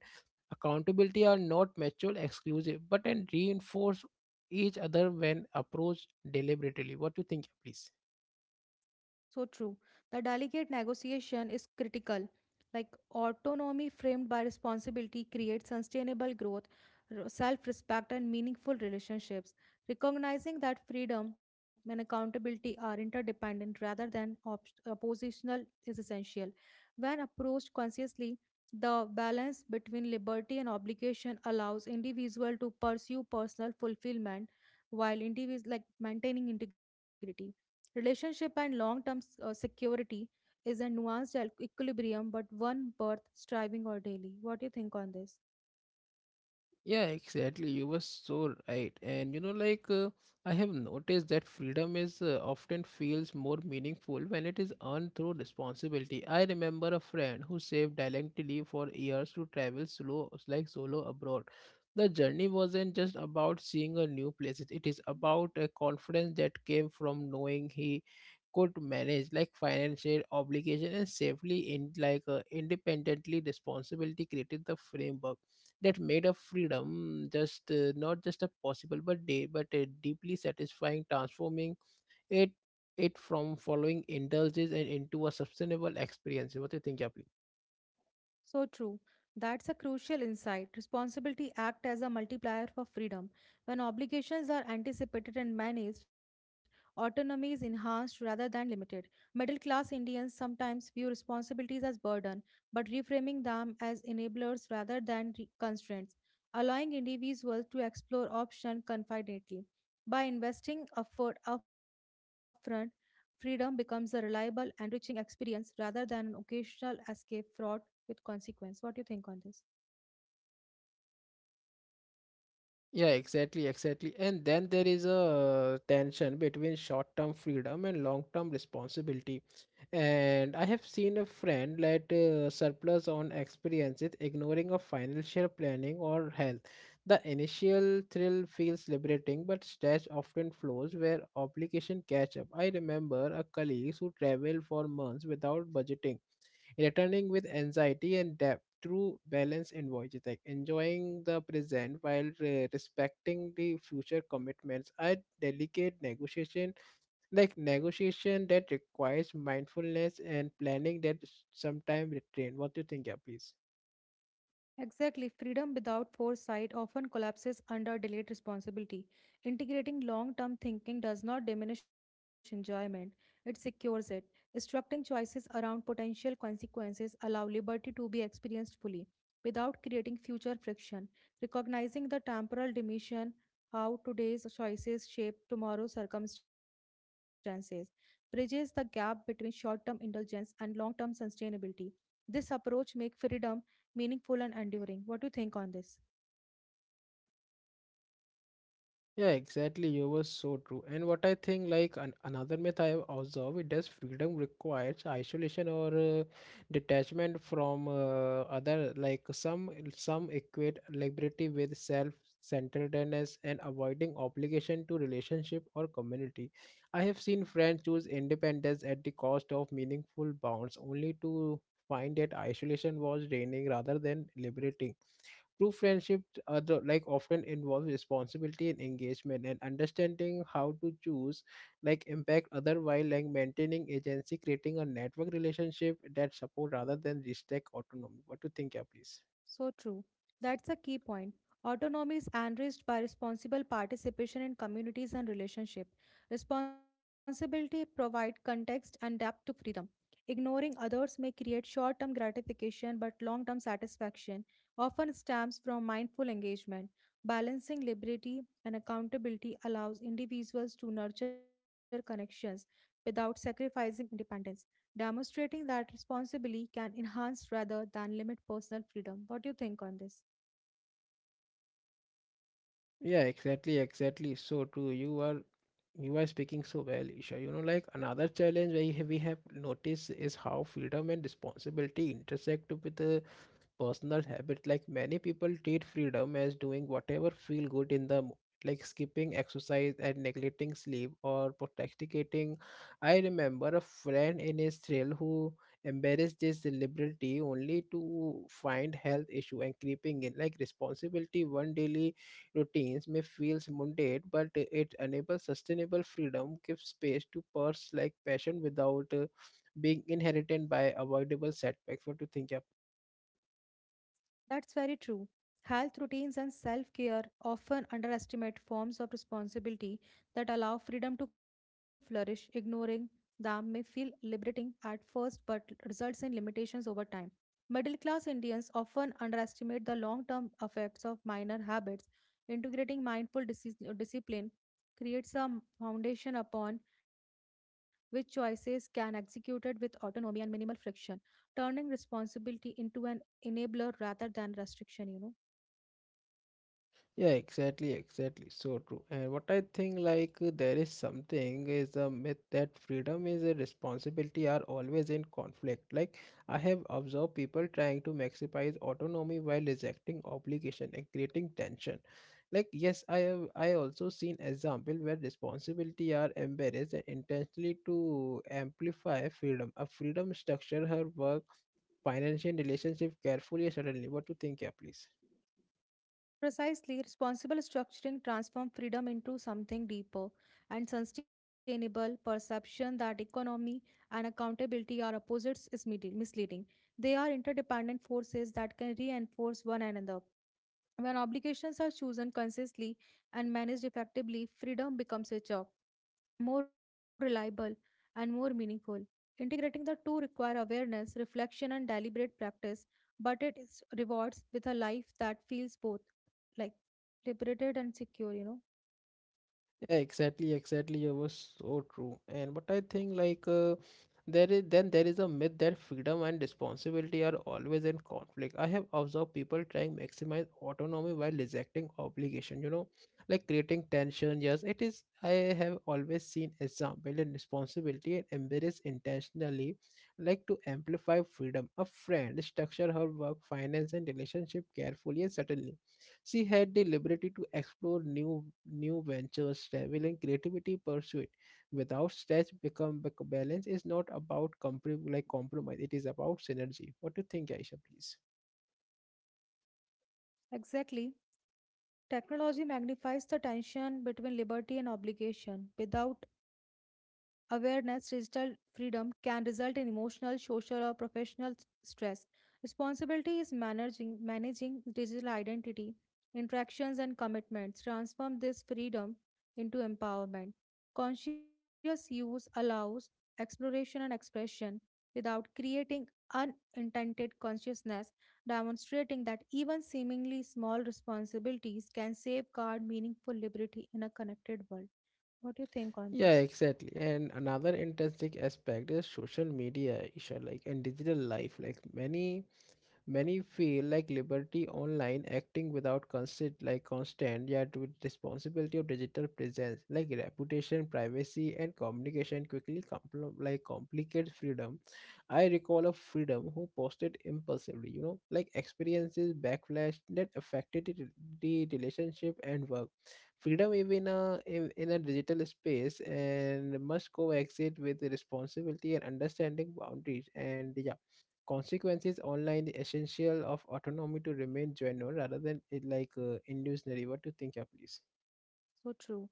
A: accountability are not mutual exclusive but and reinforce each other when approached deliberately. What do you think, please?
B: So true. The delicate negotiation is critical. Like autonomy framed by responsibility creates sustainable growth, self respect, and meaningful relationships. Recognizing that freedom and accountability are interdependent rather than oppositional is essential. When approached consciously, the balance between liberty and obligation allows individual to pursue personal fulfillment while individual like maintaining integrity. Relationship and long term security is a nuanced equilibrium, but one worth striving or daily. What do you think on this?
A: Yeah, exactly. You were so right. And I have noticed that freedom is often feels more meaningful when it is earned through responsibility. I remember a friend who saved diligently for years to travel slow, like solo abroad. The journey wasn't just about seeing a new place. It is about a confidence that came from knowing he could manage like financial obligation and safely in independently responsibility created the framework that made of freedom just not just a possible but day but a deeply satisfying transforming it it from following indulges and into a sustainable experience what do you think yeah please?
B: So true. That's a crucial insight. Responsibility act as a multiplier for freedom. When obligations are anticipated and managed, autonomy is enhanced rather than limited. Middle class Indians sometimes view responsibilities as burden, but reframing them as enablers rather than constraints, allowing individuals to explore options confidently. By investing effort upfront, freedom becomes a reliable, enriching experience rather than an occasional escape fraud with consequence. What do you think on this?
A: Yeah, exactly, exactly. And then there is a tension between short-term freedom and long-term responsibility. And I have seen a friend let surplus on experiences, ignoring of financial planning or health. The initial thrill feels liberating, but stress often flows where obligation catch up. I remember a colleague who traveled for months without budgeting returning with anxiety and depth. True balance in like enjoying the present while respecting the future commitments. A delicate negotiation, like negotiation that requires mindfulness and planning that sometimes restrain. What do you think, yeah, please?
B: Exactly. Freedom without foresight often collapses under delayed responsibility. Integrating long term thinking does not diminish enjoyment, it secures it. Structuring choices around potential consequences allow liberty to be experienced fully without creating future friction. Recognizing the temporal dimension, how today's choices shape tomorrow's circumstances, bridges the gap between short term indulgence and long term sustainability. This approach makes freedom meaningful and enduring. What do you think on this?
A: Yeah, exactly. You were so true. And what I think, another myth I have observed, it does freedom requires isolation or detachment from other. Like some equate liberty with self-centeredness and avoiding obligation to relationship or community. I have seen friends choose independence at the cost of meaningful bonds, only to find that isolation was draining rather than liberating. True friendship often involves responsibility and engagement and understanding how to choose like impact other while like maintaining agency, creating a network relationship that support rather than restrict autonomy. What do you think, yeah, please?
B: So true. That's a key point. Autonomy is enriched by responsible participation in communities and relationship. Responsibility provide context and depth to freedom. Ignoring others may create short-term gratification but long-term satisfaction, often stems from mindful engagement. Balancing liberty and accountability allows individuals to nurture connections without sacrificing independence. Demonstrating that responsibly can enhance rather than limit personal freedom. What do you think on this?
A: Yeah, exactly, exactly. So true. You are speaking so well, Isha. You know, like another challenge we have noticed is how freedom and responsibility intersect with the personal habit like many people treat freedom as doing whatever feel good in the moment like skipping exercise and neglecting sleep or procrastinating. I remember a friend in his thrill who embarrassed this liberty only to find health issue and creeping in like responsibility one daily routines may feel mundane but it enables sustainable freedom gives space to purse like passion without being inherited by avoidable setbacks what do you think yeah.
B: That's very true. Health routines and self care often underestimate forms of responsibility that allow freedom to flourish. Ignoring them may feel liberating at first but results in limitations over time. Middle class Indians often underestimate the long term effects of minor habits. Integrating mindful discipline creates a foundation upon which choices can executed with autonomy and minimal friction, turning responsibility into an enabler rather than restriction, you know.
A: Yeah, exactly, exactly. So true. And what I think, there is something is a myth that freedom is a responsibility are always in conflict. Like, I have observed people trying to maximize autonomy while rejecting obligation and creating tension. Like, yes, I have. I also seen example where responsibility are embarrassed and intentionally to amplify freedom. A freedom structure her work, financial relationship carefully. And suddenly, what do you think, yeah, please?
B: Precisely, responsible structuring transforms freedom into something deeper and sustainable perception that economy and accountability are opposites is misleading. They are interdependent forces that can reinforce one another. When obligations are chosen consciously and managed effectively, freedom becomes richer, more reliable, and more meaningful. Integrating the two require awareness, reflection, and deliberate practice, but it is rewards with a life that feels both like liberated and secure, you know.
A: Yeah, exactly, exactly. It was so true. And but I think there is then there is a myth that freedom and responsibility are always in conflict. I have observed people trying maximize autonomy while rejecting obligation, like creating tension. Yes, it is. I have always seen example in responsibility and embrace intentionally, like to amplify freedom. A friend structure her work, finance, and relationship carefully and certainly she had the liberty to explore new ventures, traveling, creativity pursuit without stress. Balance is not about compromise. It is about synergy. What do you think, Aisha? Please.
B: Exactly. Technology magnifies the tension between liberty and obligation without awareness. Digital freedom can result in emotional, social, or professional stress. Responsibility is managing digital identity, interactions, and commitments. Transform this freedom into empowerment. Conscious use allows exploration and expression without creating unintended consciousness, demonstrating that even seemingly small responsibilities can safeguard meaningful liberty in a connected world. What do you think on
A: Yeah,
B: this?
A: exactly. And another interesting aspect is social media, Isha, like and digital life. Many feel like liberty online acting without constant yet with responsibility of digital presence like reputation, privacy and communication quickly complicate freedom. I recall a freedom who posted impulsively, like experiences backlash that affected the relationship and work. Freedom even in a digital space and must coexist with responsibility and understanding boundaries and yeah consequences online the essential of autonomy to remain genuine rather than it like illusionary what do you think yeah please.
B: So true.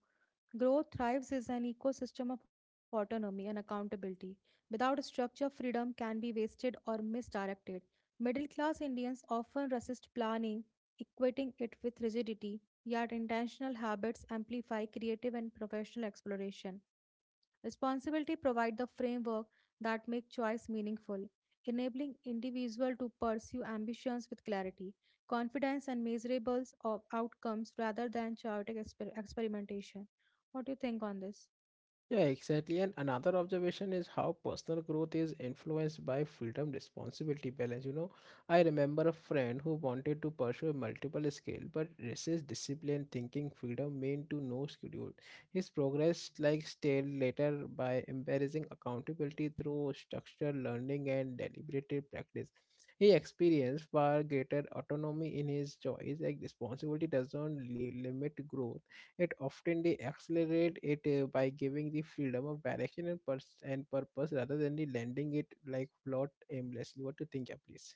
B: Growth thrives is an ecosystem of autonomy and accountability. Without a structure, freedom can be wasted or misdirected. Middle class Indians often resist planning, equating it with rigidity, yet, intentional habits amplify creative and professional exploration. Responsibility provides the framework that make choice meaningful, enabling individual to pursue ambitions with clarity, confidence, and measurables of outcomes rather than chaotic experimentation. What do you think on this?
A: Yeah, exactly. And another observation is how personal growth is influenced by freedom responsibility balance. You know, I remember a friend who wanted to pursue multiple skill but resist discipline thinking freedom meant to no schedule. His progress like stale later by embarrassing accountability through structured learning and deliberative practice. He experienced far greater autonomy in his choice, like responsibility does not limit growth it often they accelerate it by giving the freedom of direction and purpose rather than the lending it like float aimlessly. What do you think, yeah, please?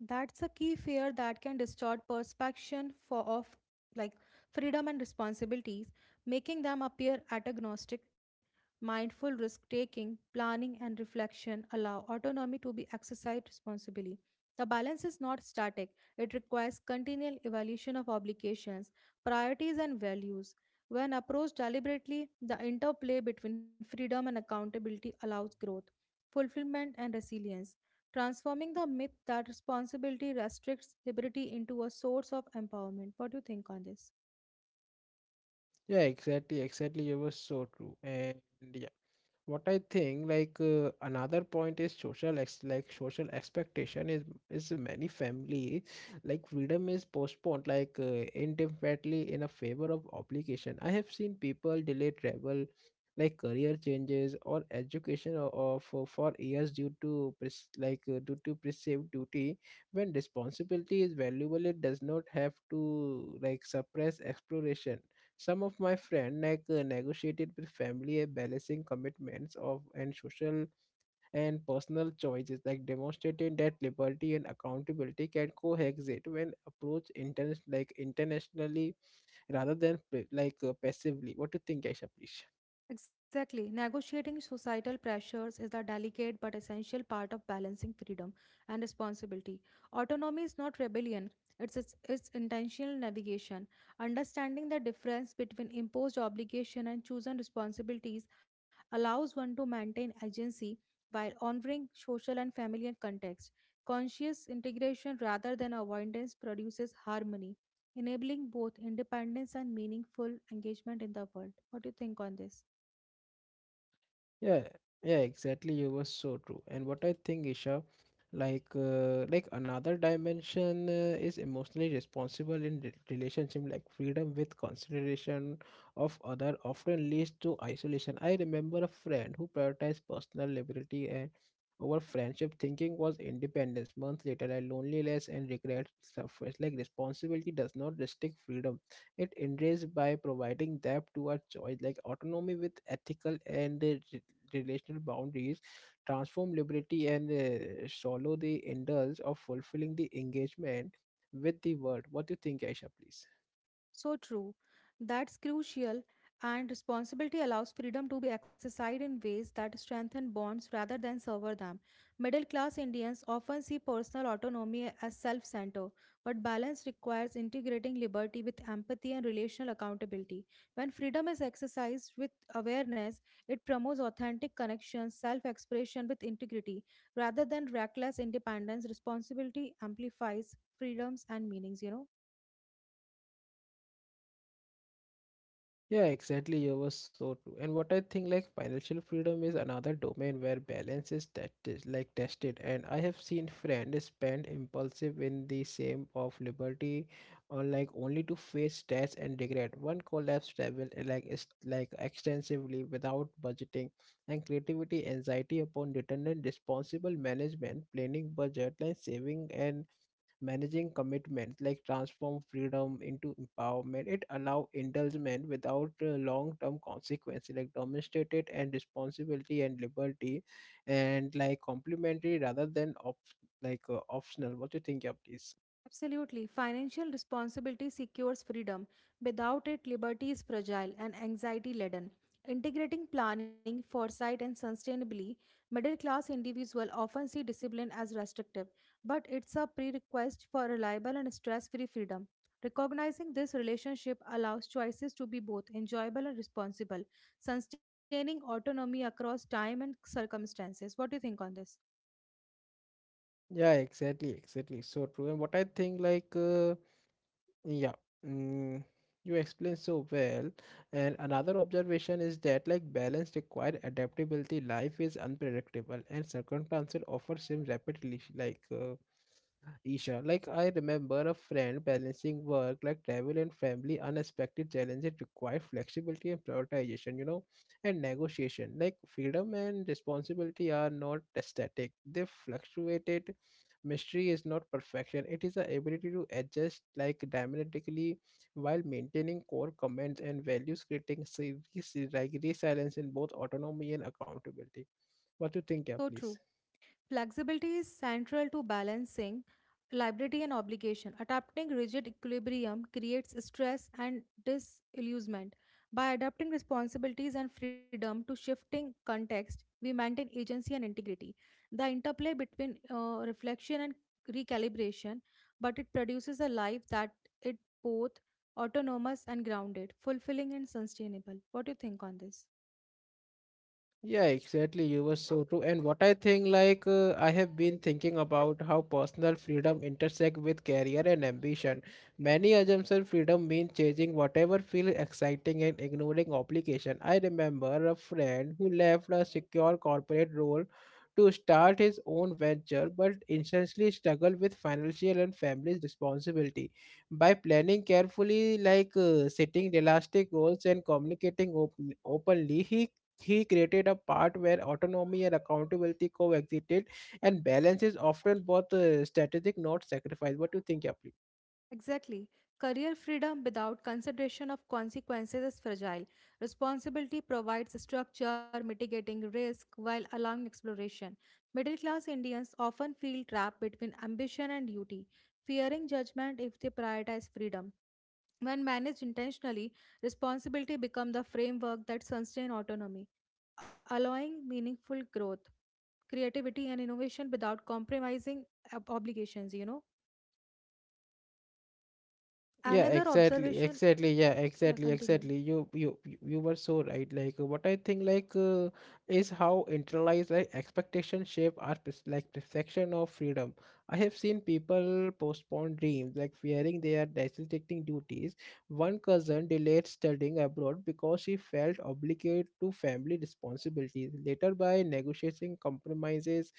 B: That's a key fear that can distort perception for of like freedom and responsibilities, making them appear antagonistic. Mindful risk taking, planning, and reflection allow autonomy to be exercised responsibly. The balance is not static, it requires continual evaluation of obligations, priorities, and values. When approached deliberately, the interplay between freedom and accountability allows growth, fulfillment, and resilience, transforming the myth that responsibility restricts liberty into a source of empowerment. What do you think on this?
A: Yeah, exactly, exactly. You were so true, and yeah. What I think another point is social ex- like social expectation is many family like freedom is postponed indefinitely in a favor of obligation. I have seen people delay travel like career changes or education for years due to due to perceived duty when responsibility is valuable it does not have to like suppress exploration. Some of my friend negotiated with family balancing commitments of and social and personal choices, like demonstrating that liberty and accountability can coexist when approached internationally rather than passively. What do you think, Aisha? Please.
B: Exactly. Negotiating societal pressures is a delicate but essential part of balancing freedom and responsibility. Autonomy is not rebellion, it's intentional navigation. Understanding the difference between imposed obligation and chosen responsibilities allows one to maintain agency while honoring social and familial context. Conscious integration rather than avoidance produces harmony, enabling both independence and meaningful engagement in the world. What do you think on this?
A: Yeah, yeah, exactly. You were so true. And what I think, Isha, another dimension is emotionally responsible in relationship. Like freedom with consideration of other often leads to isolation. I remember a friend who prioritized personal liberty and over friendship, thinking was independence. Months later, I loneliness and regret surfaced. Like responsibility does not restrict freedom; it enriches by providing depth to our choice, like autonomy with ethical and relational boundaries, transform liberty, and swallow the indulge of fulfilling the engagement with the world. What do you think, Aisha, please?
B: So true. That's crucial, and responsibility allows freedom to be exercised in ways that strengthen bonds rather than sever them. Middle class Indians often see personal autonomy as self centered, but balance requires integrating liberty with empathy and relational accountability. When freedom is exercised with awareness, it promotes authentic connections, self expression with integrity, rather than reckless independence. Responsibility amplifies freedoms and meanings, you know.
A: Yeah, exactly. You were so true. And what I think, like financial freedom is another domain where balance is tested. And I have seen friends spend impulsive in the same of liberty, or like only to face stress and regret. One collapse travel like is like extensively without budgeting, and creativity, anxiety upon return, and responsible management, planning budget, like saving and managing commitments like transform freedom into empowerment it allow indulgence without long-term consequences like demonstrated and responsibility and liberty and like complementary rather than optional what do you think yeah please
B: Absolutely. Financial responsibility secures freedom. Without it, liberty is fragile and anxiety laden. Integrating planning, foresight, and sustainability, middle class individuals often see discipline as restrictive, but it's a prerequisite for reliable and stress free freedom. Recognizing this relationship allows choices to be both enjoyable and responsible, sustaining autonomy across time and circumstances. What do you think on this?
A: yeah exactly exactly so true and what I think yeah, mm, you explained so well. And another observation is that like balance require adaptability. Life is unpredictable, and circumstances offer seem rapidly. Isha, like I remember a friend balancing work, like travel and family, unexpected challenges require flexibility and prioritization. And negotiation. Like freedom and responsibility are not static; they fluctuated. Mystery is not perfection, it is the ability to adjust like dramatically while maintaining core commands and values, creating serious, like resilience in both autonomy and accountability. What do you think, yeah,
B: So
A: please?
B: true. Flexibility is central to balancing liberty and obligation. Adapting rigid equilibrium creates stress and disillusionment. By adapting responsibilities and freedom to shifting context, we maintain agency and integrity. The interplay between reflection and recalibration, but it produces a life that it both autonomous and grounded, fulfilling and sustainable. What do you think on this?
A: Yeah, exactly. You were so true. And what I think, like, I have been thinking about how personal freedom intersect with career and ambition. Many assumption freedom means chasing whatever feels exciting and ignoring obligation. I remember a friend who left a secure corporate role to start his own venture, but instantly struggled with financial and family responsibility. By planning carefully, setting realistic goals and communicating openly, he created a part where autonomy and accountability coexisted, and balance is often both strategic, not sacrifice. What do you think, Yapri?
B: Exactly. Career freedom without consideration of consequences is fragile. Responsibility provides structure, mitigating risk while allowing exploration. Middle class Indians often feel trapped between ambition and duty, fearing judgment if they prioritize freedom. When managed intentionally, responsibility becomes the framework that sustains autonomy, allowing meaningful growth, creativity, and innovation without compromising obligations, you know.
A: Yeah,
B: Another
A: exactly,
B: observation,
A: exactly, yeah,
B: yeah,
A: exactly,
B: continue.
A: exactly. You were so right. What I think is how internalized like expectation shape our like perception of freedom. I have seen people postpone dreams like fearing they are neglecting duties. One cousin delayed studying abroad because she felt obligated to family responsibilities. Later by negotiating compromises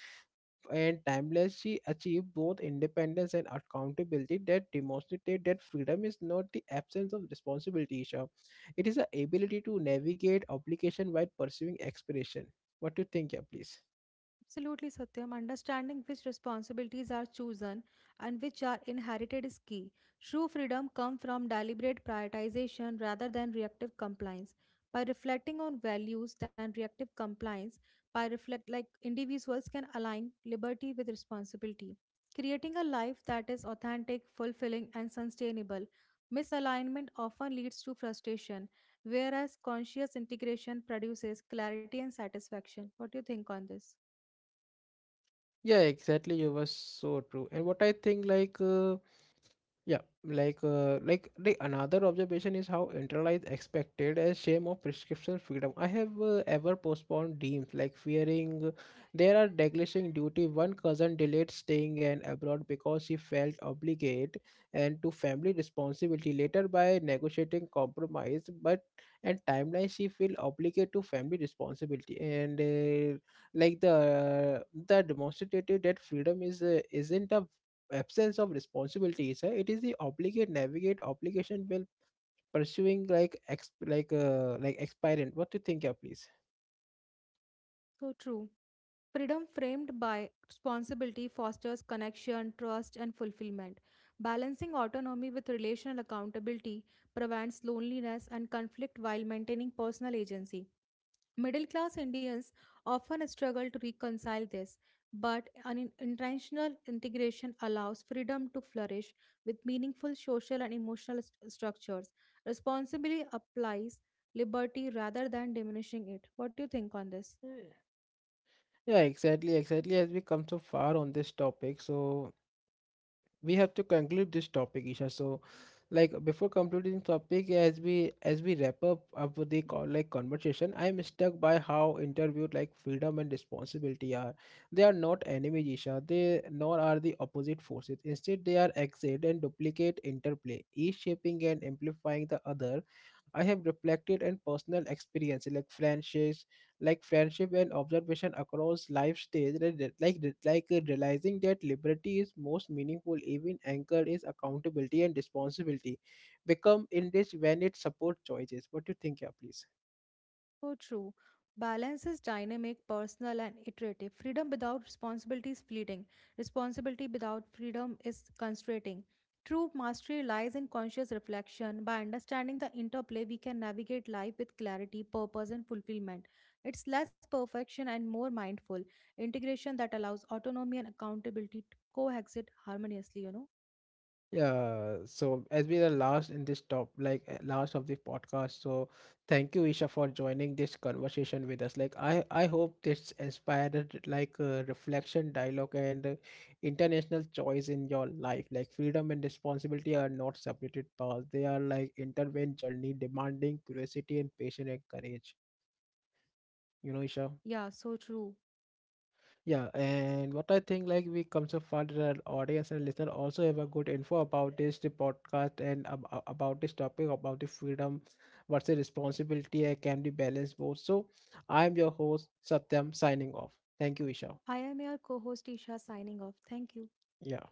A: and timeless, she achieved both independence and accountability that demonstrated that freedom is not the absence of responsibility, Isha. It is the ability to navigate obligation while pursuing aspiration. What do you think, yeah, please?
B: Absolutely, Satyam. Understanding which responsibilities are chosen and which are inherited is key. True freedom comes from deliberate prioritization rather than reactive compliance. By reflecting on values than reactive compliance, by reflect like individuals can align liberty with responsibility, creating a life that is authentic, fulfilling, and sustainable. Misalignment often leads to frustration, whereas conscious integration produces clarity and satisfaction. What do you think on this?
A: Yeah, exactly. You were so true. And what I think, like, yeah, like the another observation is how internalized expected as shame of prescription freedom. I have ever postponed dreams like fearing there are degrading duty. One cousin delayed staying and abroad because she felt obligated and to family responsibility. Later, by negotiating compromise, but and timeline, she feel obligated to family responsibility and like the demonstrative that freedom is isn't a absence of responsibilities it is the obligate navigate obligation while pursuing like ex like expirant. What do you think, yeah, please?
B: So true. Freedom framed by responsibility fosters connection, trust, and fulfillment. Balancing autonomy with relational accountability prevents loneliness and conflict while maintaining personal agency. Middle class Indians often struggle to reconcile this, but an intentional integration allows freedom to flourish with meaningful social and emotional structures. Responsibility applies liberty rather than diminishing it. What do you think on this?
A: Hmm. Yeah, exactly, exactly, as we come so far on this topic so we have to conclude this topic, Isha. So, like before concluding topic, as we wrap up of the like conversation, I am struck by how interviewed like freedom and responsibility are. They are not enemies, Isha. They nor are the opposite forces. Instead, they are exit and duplicate interplay, each shaping and amplifying the other. I have reflected on personal experiences like friendships, like friendship and observation across life stage, realizing that liberty is most meaningful even anchored is accountability and responsibility become enriched when it supports choices. What do you think, yeah, please?
B: So true. Balance is dynamic, personal, and iterative. Freedom without responsibility is fleeting. Responsibility without freedom is constraining. True mastery lies in conscious reflection. By understanding the interplay, we can navigate life with clarity, purpose, and fulfillment. It's less perfection and more mindful integration that allows autonomy and accountability to coexist harmoniously, you know?
A: Yeah, so as we are last in this top, last of the podcast, so thank you, Isha, for joining this conversation with us. Like, I hope this inspired reflection, dialogue, and international choice in your life. Like, freedom and responsibility are not separated paths; they are like intertwined journey, demanding curiosity and patience and courage. You know, Isha.
B: Yeah, so true.
A: Yeah, and what I think like we come so far that our audience and listener also have a good info about this the podcast and about this topic about the freedom versus responsibility and can be balanced both. So I am your host Satyam signing off. Thank you, Isha.
B: I am your co host Isha signing off. Thank you.
A: Yeah.